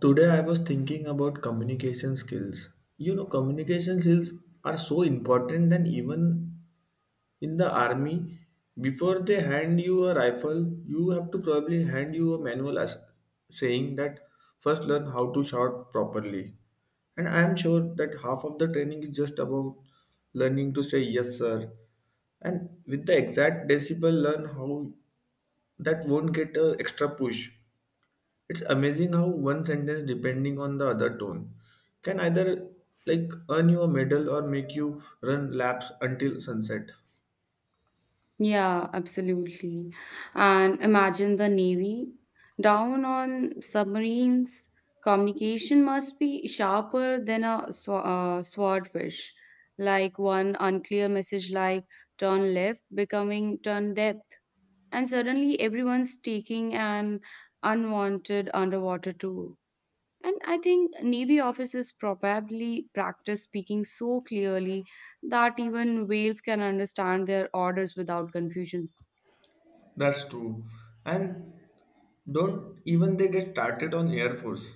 Today I was thinking about communication skills. You know, communication skills are so important that even in the army, before they hand you a rifle, you have to probably hand you a manual as saying that first learn how to shout properly. And I am sure that half of the training is just about learning to say yes, sir. And with the exact decibel, learn how that won't get a extra push. It's amazing how one sentence, depending on the other tone, can either like earn you a medal or make you run laps until sunset. Yeah, absolutely. And imagine the Navy down on submarines. Communication must be sharper than a sw swordfish. Like one unclear message, like turn left, becoming turn depth. And suddenly everyone's taking an unwanted underwater tour. And I think Navy officers probably practice speaking so clearly that even whales can understand their orders without confusion. That's true. And don't even they get started on Air Force.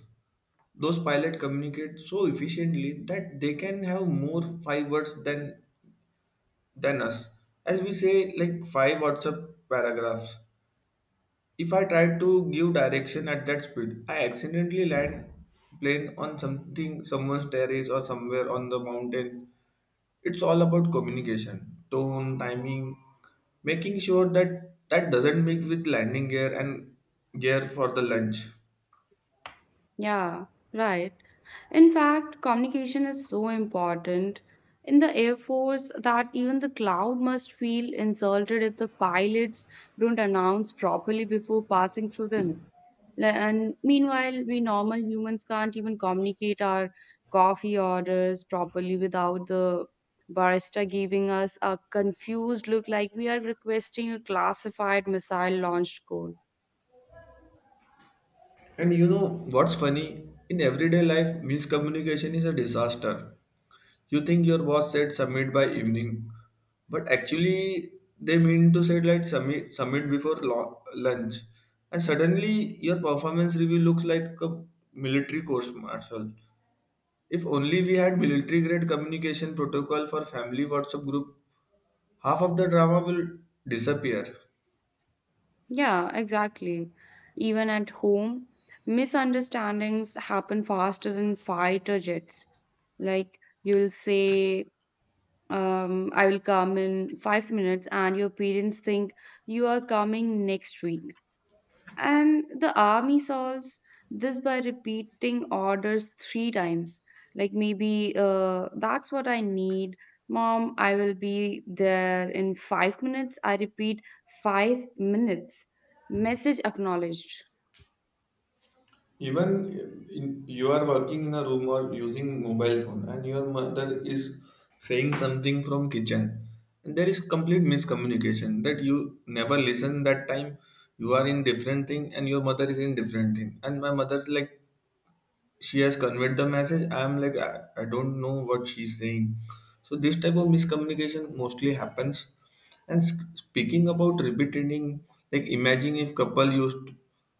Those pilots communicate so efficiently that they can have more five words than us. As we say, like five WhatsApp paragraphs. If I try to give direction at that speed, I accidentally land plane on something, someone's terrace or somewhere on the mountain. It's all about communication, tone, timing, making sure that doesn't mix with landing gear and gear for the lunch. Yeah, right. In fact, communication is so important in the Air Force that even the cloud must feel insulted if the pilots don't announce properly before passing through them. And meanwhile, we normal humans can't even communicate our coffee orders properly without the barista giving us a confused look like we are requesting a classified missile launch code. And you know what's funny? In everyday life, miscommunication is a disaster. You think your boss said submit by evening, but actually they mean to say like submit before lunch, and suddenly your performance review looks like a military course martial. If only we had military grade communication protocol for family WhatsApp group, half of the drama will disappear. Yeah, exactly. Even at home, misunderstandings happen faster than fighter jets. Like you will say, I will come in 5 minutes, and your parents think you are coming next week. And the army solves this by repeating orders three times. Like maybe, that's what I need. Mom, I will be there in 5 minutes. I repeat, 5 minutes. Message acknowledged. Even in, you are working in a room or using mobile phone, and your mother is saying something from kitchen, and there is complete miscommunication that you never listen that time. You are in different thing, and your mother is in different thing, and my mother is like she has conveyed the message. I'm like I don't know what she's saying. So this type of miscommunication mostly happens. And speaking about repeating, like imagine if couple used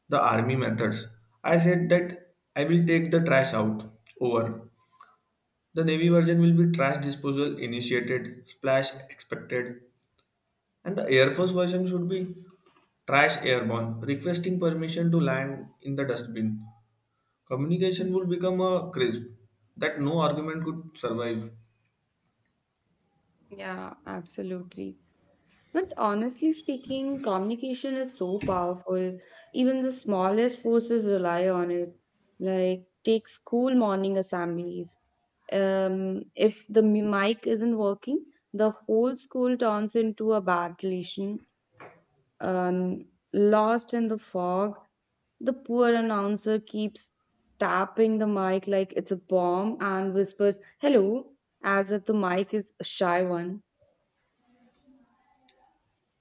the army methods. I said that I will take the trash out, over. The navy version will be trash disposal initiated, splash expected. And the air force version should be trash airborne, requesting permission to land in the dustbin. Communication would become a crisp that no argument could survive. Yeah, absolutely. But honestly speaking, communication is so powerful. Even the smallest forces rely on it. Like, take school morning assemblies. If the mic isn't working, the whole school turns into a bad relation. Um, Lost in the fog, the poor announcer keeps tapping the mic like it's a bomb and whispers, hello, as if the mic is a shy one.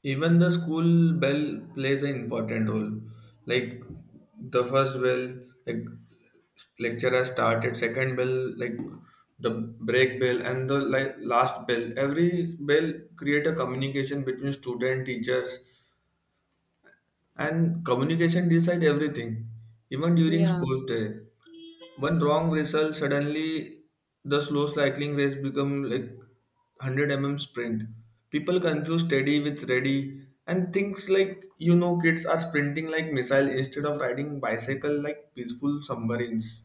Even the school bell plays an important role. Like the first bell, like lecturer started, second bell, like the break bell, and the like last bell. Every bell create a communication between student, teachers. And communication decide everything. Even during Yeah. sports day, one wrong result, suddenly the slow cycling race become like 100 mm sprint. People confuse steady with ready and things like you know kids are sprinting like missile instead of riding bicycle like peaceful submarines.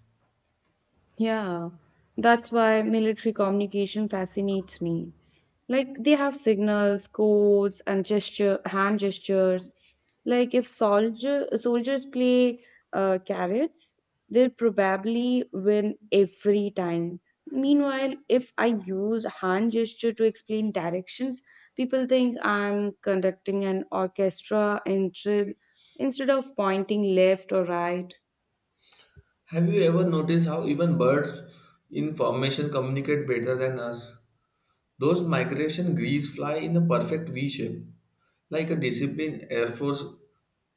Yeah, that's why military communication fascinates me. Like they have signals, codes, and hand gestures. Like if soldiers play carrots, they'll probably win every time. Meanwhile, if I use hand gesture to explain directions, people think I'm conducting an orchestra in drill instead of pointing left or right. Have you ever noticed how even birds in formation communicate better than us? Those migration geese fly in a perfect V shape, like a disciplined Air Force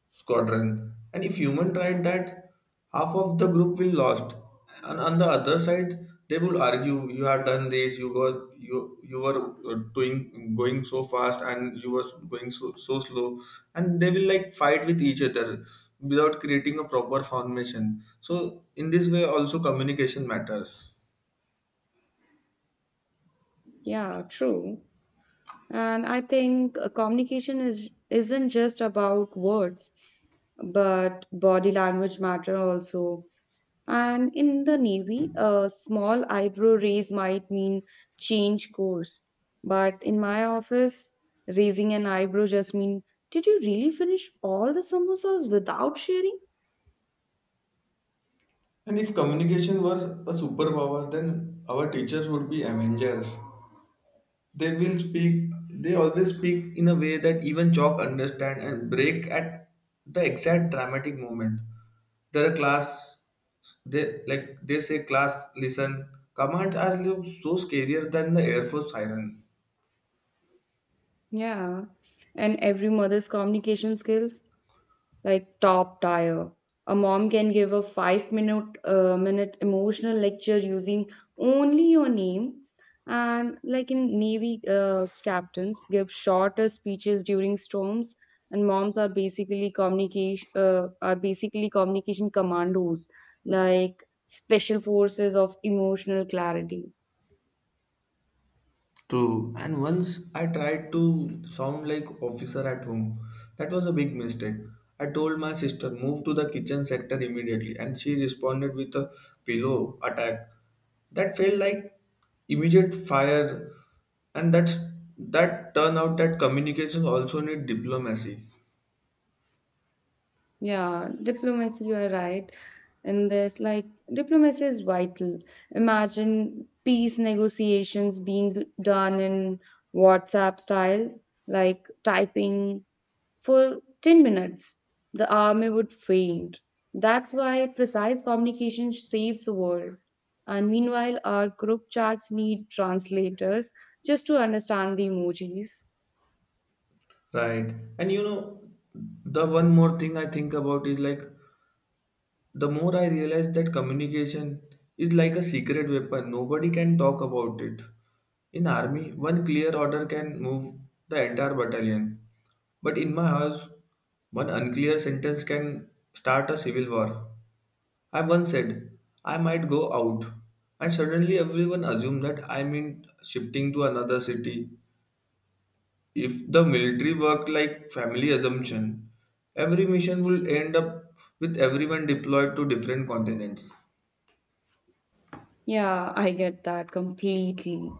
squadron. And if human tried that, half of the group will lost. And on the other side, they will argue, you have done this, you were you were doing going so fast, and you were going so slow, and they will like fight with each other without creating a proper foundation. So in this way, also communication matters. Yeah, true. And I think communication is isn't just about words, but body language matter also. And in the Navy, a small eyebrow raise might mean change course. But in my office, raising an eyebrow just mean, did you really finish all the samosas without sharing? And if communication was a superpower, then our teachers would be Avengers. They will speak, they always speak in a way that even chalk understand and break at the exact dramatic moment. There are class, they like they say class, listen. Commands are so scarier than the Air Force siren. Yeah. And every mother's communication skills like top tier. A mom can give a 5 minute emotional lecture using only your name, and like in navy captains give shorter speeches during storms, and moms are basically communication commandos like special forces of emotional clarity. True. And once I tried to sound like officer at home. That was a big mistake. I told my sister move to the kitchen sector immediately and she responded with a pillow attack. That felt like immediate fire, and that turned out that communication also need diplomacy. Yeah, diplomacy, you are right. In this, like, diplomacy is vital. Imagine peace negotiations being done in WhatsApp style, like typing for 10 minutes. The army would faint. That's why precise communication saves the world. And meanwhile, our group chats need translators just to understand the emojis. Right. And you know the one more thing I think about is like, the more I realize that communication is like a secret weapon, nobody can talk about it. In army, one clear order can move the entire battalion. But in my house, one unclear sentence can start a civil war. I once said, I might go out, and suddenly everyone assumed that I mean shifting to another city. If the military worked like family assumption, every mission will end up with everyone deployed to different continents. Yeah, I get that completely.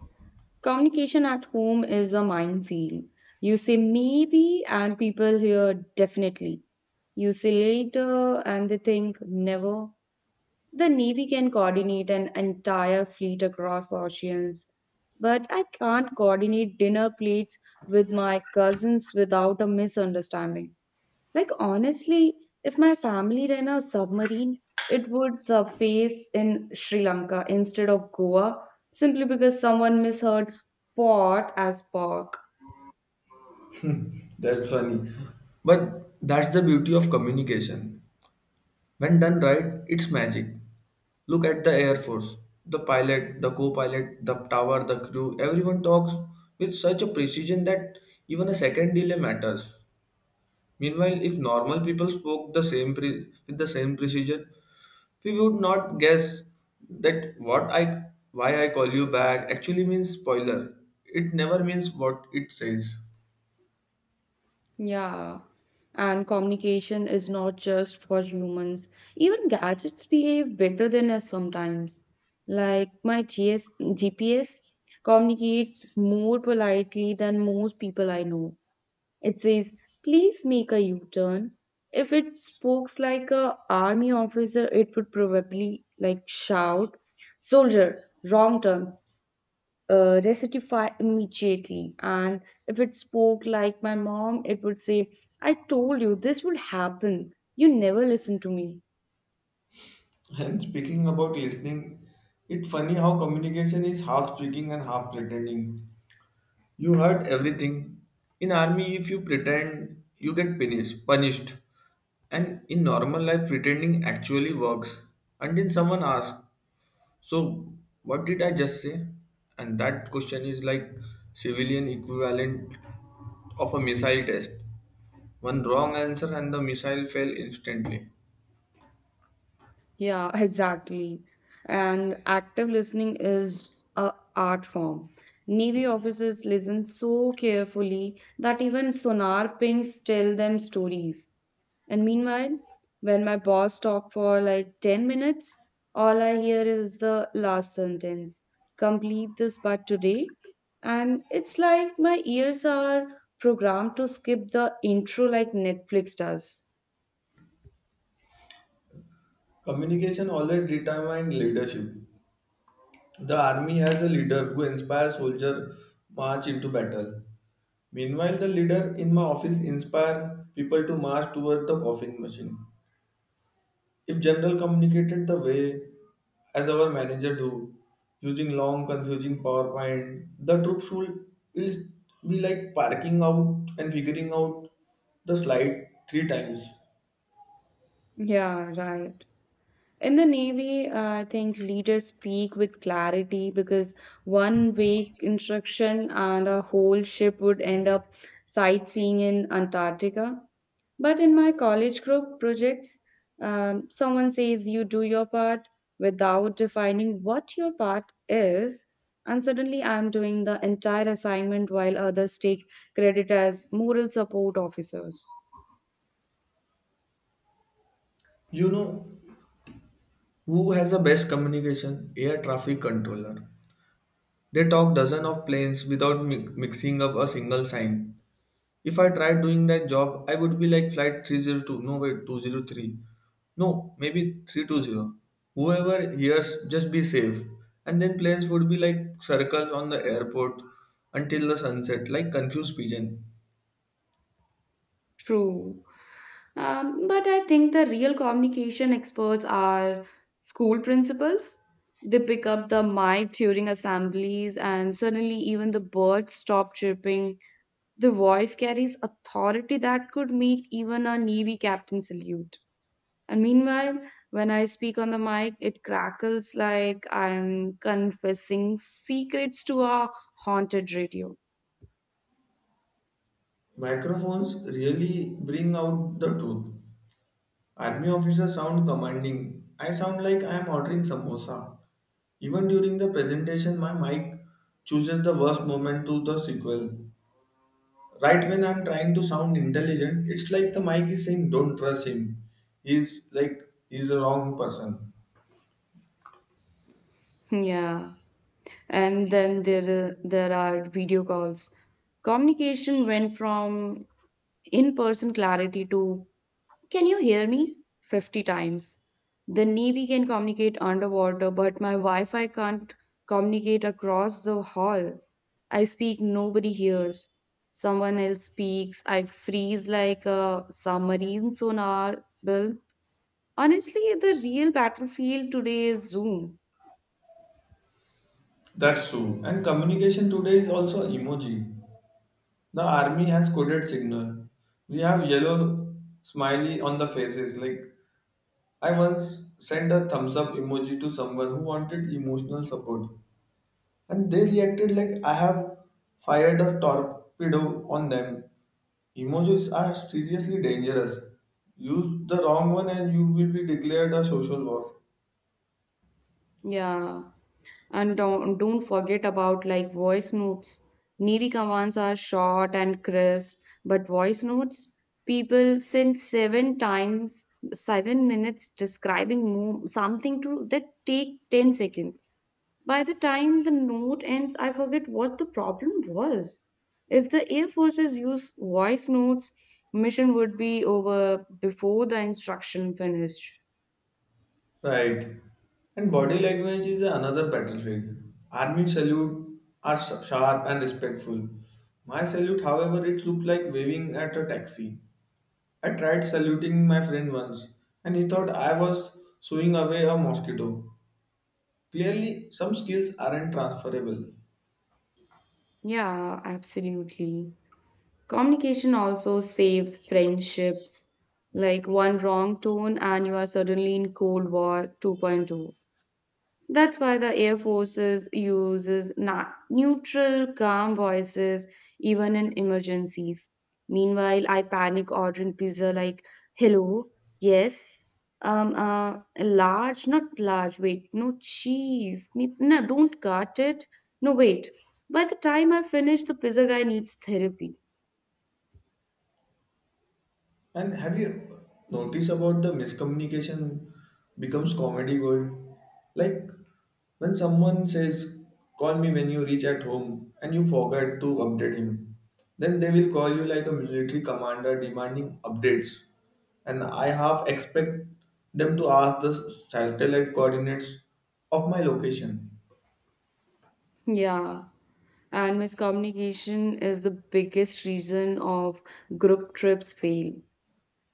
Communication at home is a minefield. You say maybe, and people hear definitely. You say later, and they think never. The Navy can coordinate an entire fleet across oceans, but I can't coordinate dinner plates with my cousins without a misunderstanding. Like, honestly, if my family ran a submarine, it would surface in Sri Lanka instead of Goa simply because someone misheard port as park. That's funny. But that's the beauty of communication. When done right, it's magic. Look at the Air Force. The pilot, the co pilot, the tower, the crew, everyone talks with such a precision that even a second delay matters. Meanwhile, if normal people spoke the same with the same precision, we would not guess that what I why I call you back actually means spoiler. It never means what it says. Yeah. And communication is not just for humans. Even gadgets behave better than us sometimes. Like my GPS communicates more politely than most people I know. It says, please make a U turn. If it speaks like a army officer, it would probably like shout, soldier, wrong turn, rectify immediately. And if it spoke like my mom, it would say, I told you this would happen. You never listen to me. And speaking about listening, it's funny how communication is half speaking and half pretending. You heard everything. In army, if you pretend, you get punished. And in normal life, pretending actually works. And then someone asks, "So, what did I just say?" And that question is like civilian equivalent of a missile test. One wrong answer and the missile fell instantly. Yeah, exactly. And active listening is a art form. Navy officers listen so carefully that even sonar pings tell them stories. And meanwhile, when my boss talks for like 10 minutes, all I hear is the last sentence complete this by today. And it's like my ears are programmed to skip the intro like Netflix does. Communication always determines leadership. The army has a leader who inspires soldiers march into battle. Meanwhile, the leader in my office inspire people to march toward the coffin machine. If general communicated the way as our manager do, using long confusing PowerPoint, the troops would is be like parking out and figuring out the slide three times. Yeah, right. In the Navy, I think leaders speak with clarity because one vague instruction and a whole ship would end up sightseeing in Antarctica. But in my college group projects, someone says you do your part without defining what your part is, and suddenly I'm doing the entire assignment while others take credit as moral support officers. You know who has the best communication? Air traffic controller. They talk dozens of planes without mixing up a single sign. If I tried doing that job, I would be like flight 302, no wait, 203. No, maybe 320. Whoever hears, just be safe. And then planes would be like circles on the airport until the sunset, like confused pigeon. True. But I think the real communication experts are school principals. They pick up the mic during assemblies, and suddenly even the birds stop chirping. The voice carries authority that could make even a Navy captain salute. And meanwhile, when I speak on the mic, it crackles like I'm confessing secrets to a haunted radio. Microphones really bring out the truth. Army officers sound commanding. I sound like I am ordering samosa. Even during the presentation, my mic chooses the worst moment to the sequel. Right when I'm trying to sound intelligent, it's like the mic is saying, don't trust him. He's like, he's a wrong person. Yeah. And then there are video calls. Communication went from in person clarity to can you hear me 50 times. The navy can communicate underwater but my wi-fi can't communicate across the hall. I speak, nobody hears. Someone else speaks, I freeze like a submarine sonar bill. Honestly, the real battlefield today is zoom. That's true. And communication today is also emoji. The army has coded signal. We have yellow smiley on the faces. Like, I once sent a thumbs up emoji to someone who wanted emotional support. And they reacted like I have fired a torpedo on them. Emojis are seriously dangerous. Use the wrong one and you will be declared a social war. Yeah. And don't forget about like voice notes. Needy commands are short and crisp, but voice notes, people send seven times, 7 minutes describing something to that take 10 seconds. By the time the note ends, I forget what the problem was. If the Air Forces use voice notes, mission would be over before the instruction finished. Right. And body language is another battlefield. Army salute are sharp and respectful. My salute, however, it looked like waving at a taxi. I tried saluting my friend once, and he thought I was sewing away a mosquito. Clearly, some skills aren't transferable. Yeah, absolutely. Communication also saves friendships. Like one wrong tone, and you are suddenly in Cold War 2.2. That's why the Air Forces uses neutral, calm voices even in emergencies. Meanwhile, I panic ordering pizza like, hello, yes, large, not large, wait, no cheese, me, no, don't cut it, no, wait. By the time I finish, the pizza guy needs therapy. And have you noticed about the miscommunication becomes comedy gold? Like when someone says, "Call me when you reach at home," and you forget to update him, then they will call you like a military commander demanding updates. And I half expect them to ask the satellite coordinates of my location. Yeah. And miscommunication is the biggest reason of group trips fail.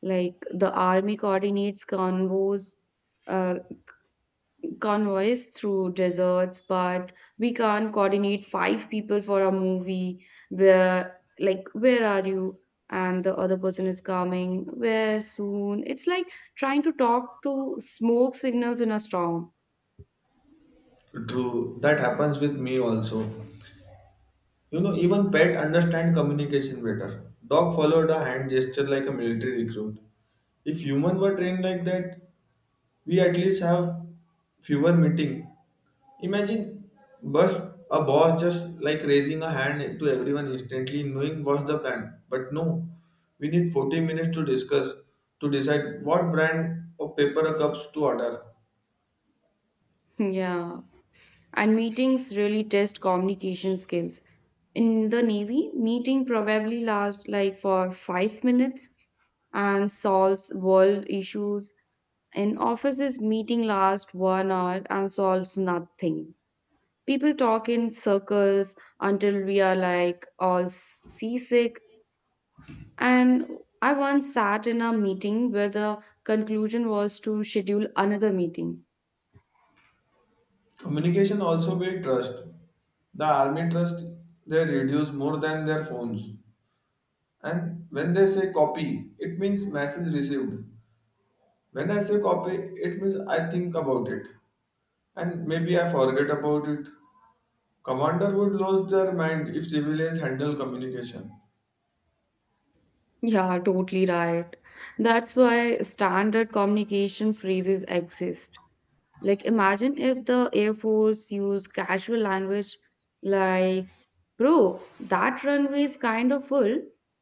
Like the army coordinates uh, convoys through deserts, but we can't coordinate five people for a movie where, like, where are you? And the other person is coming, where soon? It's like trying to talk to smoke signals in a storm. True, that happens with me also. You know, even pet understand communication better. Dog followed a hand gesture like a military recruit. If human were trained like that, we at least have fewer meeting. Imagine bus a boss just like raising a hand to everyone instantly, knowing what's the plan. But no, we need 40 minutes to discuss to decide what brand of paper cups to order. Yeah. And meetings really test communication skills. In the Navy, meeting probably lasts like for 5 minutes and solves world issues. In offices, meeting lasts 1 hour and solves nothing. People talk in circles until we are like all seasick. And I once sat in a meeting where the conclusion was to schedule another meeting. Communication also build trust. The army trust they reduce more than their phones. And when they say copy, it means message received. When I say copy, it means I think about it. And maybe I forget about it. Commander would lose their mind if civilians handle communication. Yeah, totally right. That's why standard communication phrases exist. Like, imagine if the Air Force used casual language like, bro, that runway is kind of full.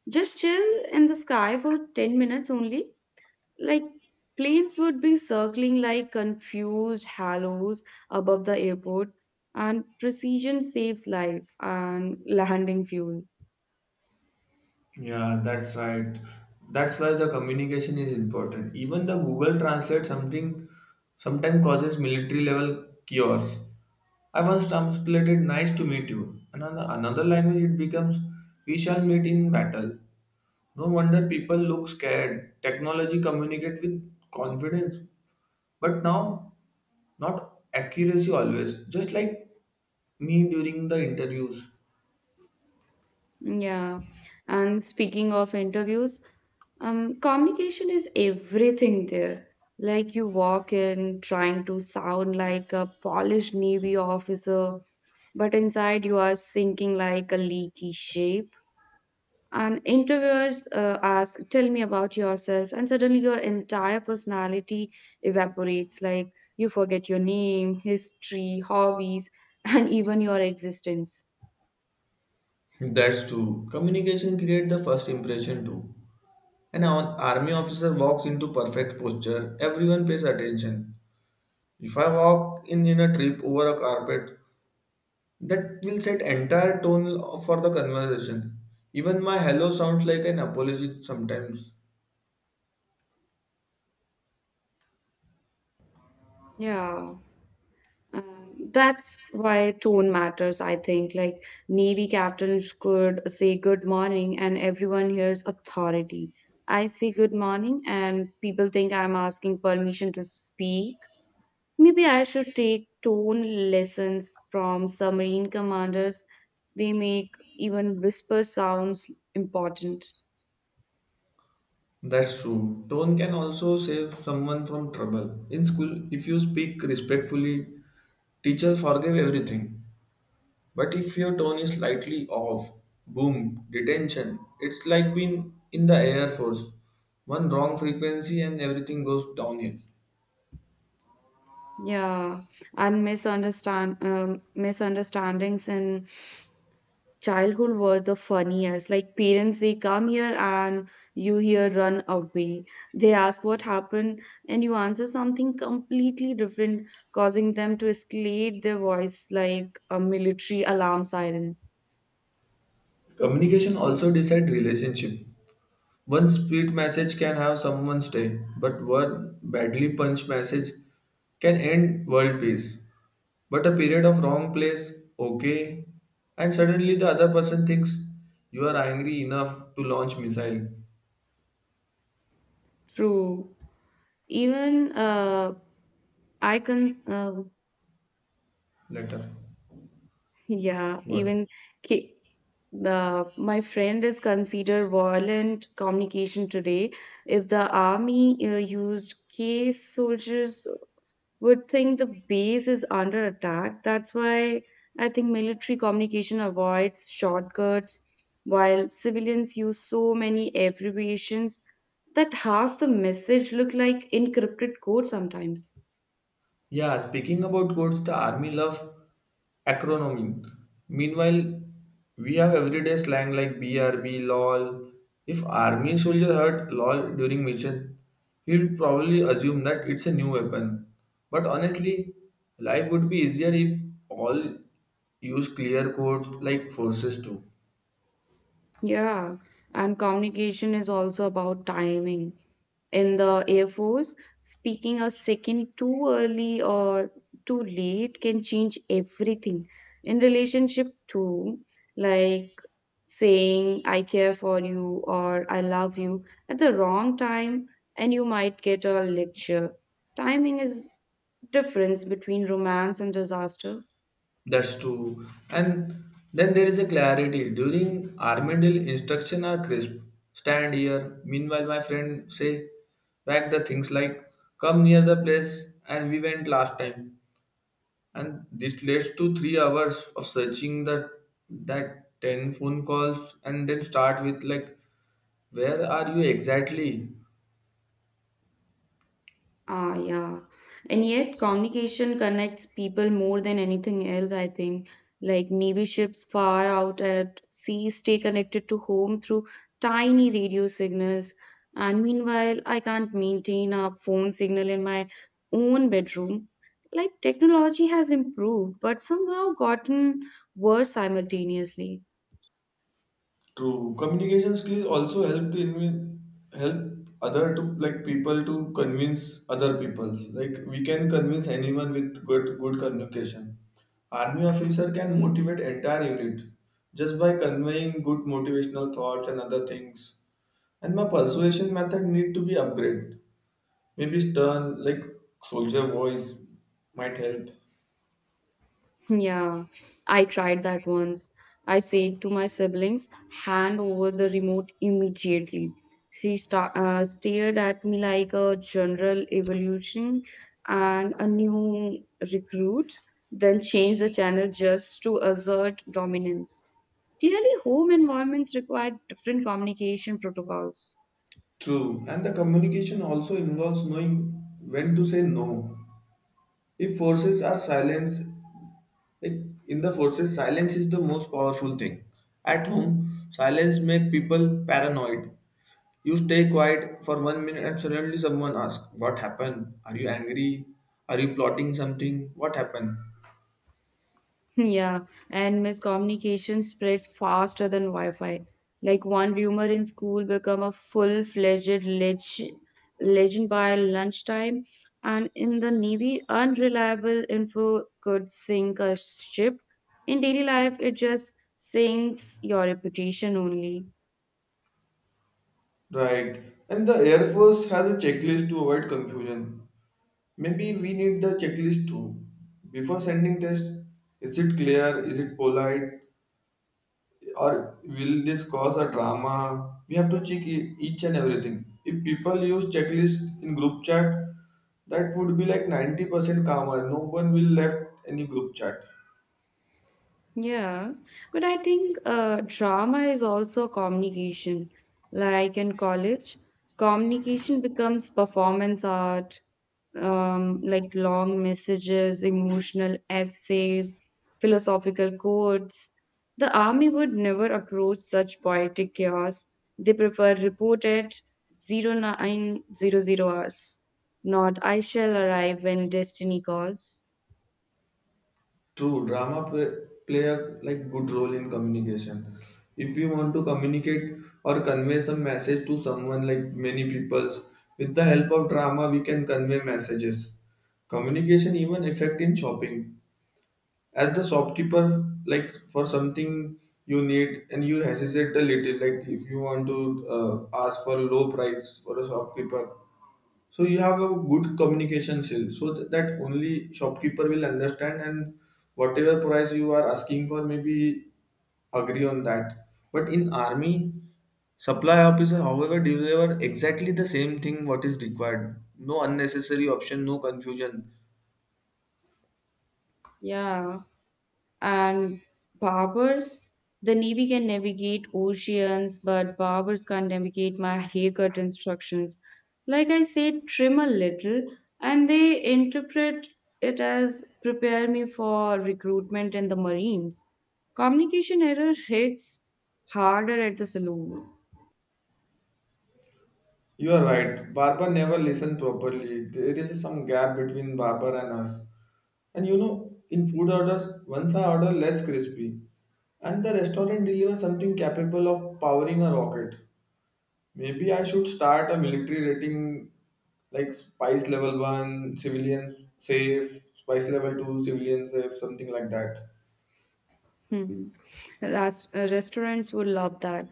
Just chill in the sky for 10 minutes only. Like, planes would be circling like confused halos above the airport, and precision saves life and landing fuel. Yeah, that's right. That's why the communication is important. Even the Google Translate something sometimes causes military level chaos. I once translated nice to meet you. Another language it becomes we shall meet in battle. No wonder people look scared. Technology communicate with confidence. But now not accuracy always. Just like me during the interviews. Yeah. And speaking of interviews, communication is everything there. Like you walk in trying to sound like a polished Navy officer, but inside you are sinking like a leaky shape. And interviewers ask, tell me about yourself. And suddenly your entire personality evaporates. Like you forget your name, history, hobbies, and even your existence. That's true. Communication create the first impression too. An army officer walks into perfect posture, everyone pays attention. If I walk in a trip over a carpet, that will set entire tone for the conversation. Even my hello sounds like an apology sometimes. Yeah. And that's why tone matters, I think. Like Navy captains could say good morning and everyone hears authority. I say good morning and people think I'm asking permission to speak. Maybe I should take tone lessons from submarine commanders. They make even whisper sounds important. That's true. Tone can also save someone from trouble. In school, if you speak respectfully, teachers forgive everything. But if your tone is slightly off, boom, detention. It's like being in the Air Force. One wrong frequency and everything goes downhill. Yeah, and misunderstandings in childhood were the funniest. Like parents, they come here and you here run away. They ask what happened and you answer something completely different, causing them to escalate their voice like a military alarm siren. Communication also decides relationship. One sweet message can have someone's day, but one badly punched message can end world peace. But a period of wrong place, okay, and suddenly the other person thinks you are angry enough to launch missile True. Even I can. Later. Yeah. What? Even ki- the my friend is considered violent communication today. If the army used case soldiers would think the base is under attack. That's why I think military communication avoids shortcuts, while civilians use so many abbreviations that half the message look like encrypted code sometimes. Yeah, speaking about codes, the army love acronym. Meanwhile, we have everyday slang like BRB, LOL. If army soldier heard LOL during mission, he'd probably assume that it's a new weapon. But honestly, life would be easier if all use clear codes like forces too. Yeah, and communication is also about timing. In the Air Force, speaking a second too early or too late can change everything. In relationship too, like saying I care for you or I love you at the wrong time and you might get a lecture. Timing is difference between romance and disaster. That's true. And then there is a clarity. During Armadil, instruction are crisp. Stand here. Meanwhile, my friend say back the things like come near the place and we went last time. And this leads to 3 hours of searching the that 10 phone calls and then start with like where are you exactly? Ah, yeah. And yet, communication connects people more than anything else, I think. Like Navy ships far out at sea stay connected to home through tiny radio signals. And meanwhile, I can't maintain a phone signal in my own bedroom. Like, technology has improved, but somehow gotten worse simultaneously. True. Communication skills also help help other to like people to convince other people. Like we can convince anyone with good communication. Army officer can motivate entire unit just by conveying good motivational thoughts and other things. And my persuasion method need to be upgraded. Maybe stern like soldier voice might help. Yeah, I tried that once. I said to my siblings, hand over the remote immediately. She stared at me like a general evolution and a new recruit, then changed the channel just to assert dominance. Clearly, home environments require different communication protocols. True. And the communication also involves knowing when to say no. If forces are silenced, like in the forces, silence is the most powerful thing. At home, silence make people paranoid. You stay quiet for 1 minute and suddenly someone asks, what happened? Are you angry? Are you plotting something? What happened? Yeah, and miscommunication spreads faster than Wi-Fi. Like one rumor in school become a full-fledged legend by lunchtime, and in the Navy, unreliable info could sink a ship. In daily life, it just sinks your reputation only. Right. And the Air Force has a checklist to avoid confusion. Maybe we need the checklist too. Before sending test, is it clear? Is it polite? Or will this cause a drama? We have to check each and everything. If people use checklist in group chat, that would be like 90% calmer. No one will left any group chat. Yeah, but I think drama is also communication. Like in college, communication becomes performance art, like long messages, emotional essays, philosophical quotes. The army would never approach such poetic chaos. They prefer report at 0900 hours, not I shall arrive when destiny calls. True, drama play a like good role in communication. If you want to communicate or convey some message to someone like many peoples, with the help of drama we can convey messages. Communication even effect in shopping, as the shopkeeper like for something you need and you hesitate a little like if you want to ask for low price for a shopkeeper, so you have a good communication skill so that only shopkeeper will understand and whatever price you are asking for maybe agree on that. But in army, supply officer however deliver exactly the same thing what is required, no unnecessary option, no confusion. Yeah. And barbers, the navy can navigate oceans but barbers can't navigate my haircut instructions. Like I said, trim a little, and they interpret it as prepare me for recruitment in the marines. Communication error hits harder at the saloon. You are right. Barber never listened properly. There is some gap between Barber and us. And in food orders, once I order less crispy, and the restaurant delivers something capable of powering a rocket. Maybe I should start a military rating like spice level one, civilian safe, spice level two, civilian safe, something like that. Hmm. Restaurants would love that.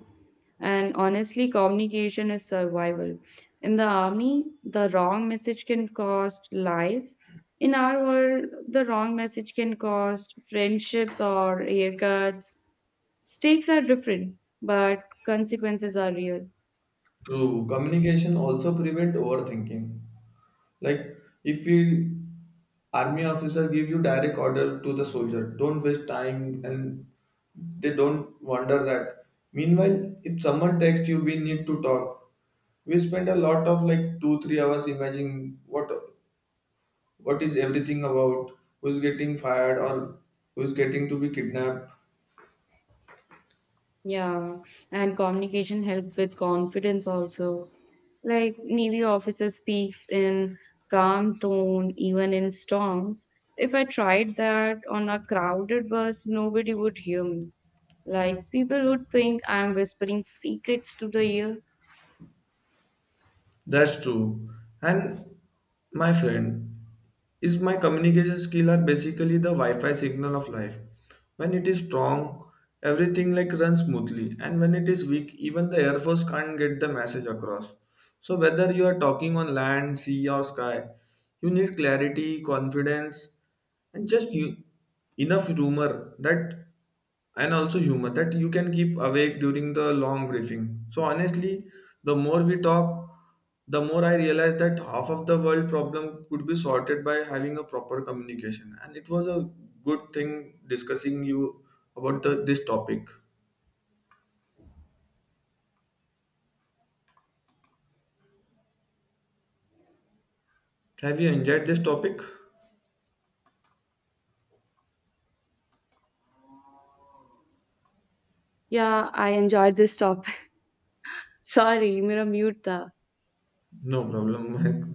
And honestly, communication is survival. In the army, the wrong message can cost lives. In our world, the wrong message can cost friendships or haircuts. Stakes are different, but consequences are real. True. Communication also prevent overthinking. Like if you army officer give you direct orders to the soldier, don't waste time and they don't wonder that. Meanwhile, if someone texts you, we need to talk. We spend a lot of like two, 3 hours imagining what is everything about, who's getting fired or who's getting to be kidnapped. Yeah, and communication help with confidence also. Like Navy officer speaks in calm tone even in storms. If I tried that on a crowded bus, nobody would hear me. Like people would think I'm whispering secrets to the ear. That's true. And my friend, is my communication skill are basically the Wi-Fi signal of life. When it is strong, everything like runs smoothly, and when it is weak, even the Air Force can't get the message across. So whether you are talking on land, sea, or sky, you need clarity, confidence, and just you, enough rumor that, and also humor that you can keep awake during the long briefing. So honestly, the more we talk, the more I realize that half of the world problem could be sorted by having a proper communication. And it was a good thing discussing you about this topic. Have you enjoyed this topic? Yeah, I enjoyed this topic. Sorry, मेरा mute था. No problem.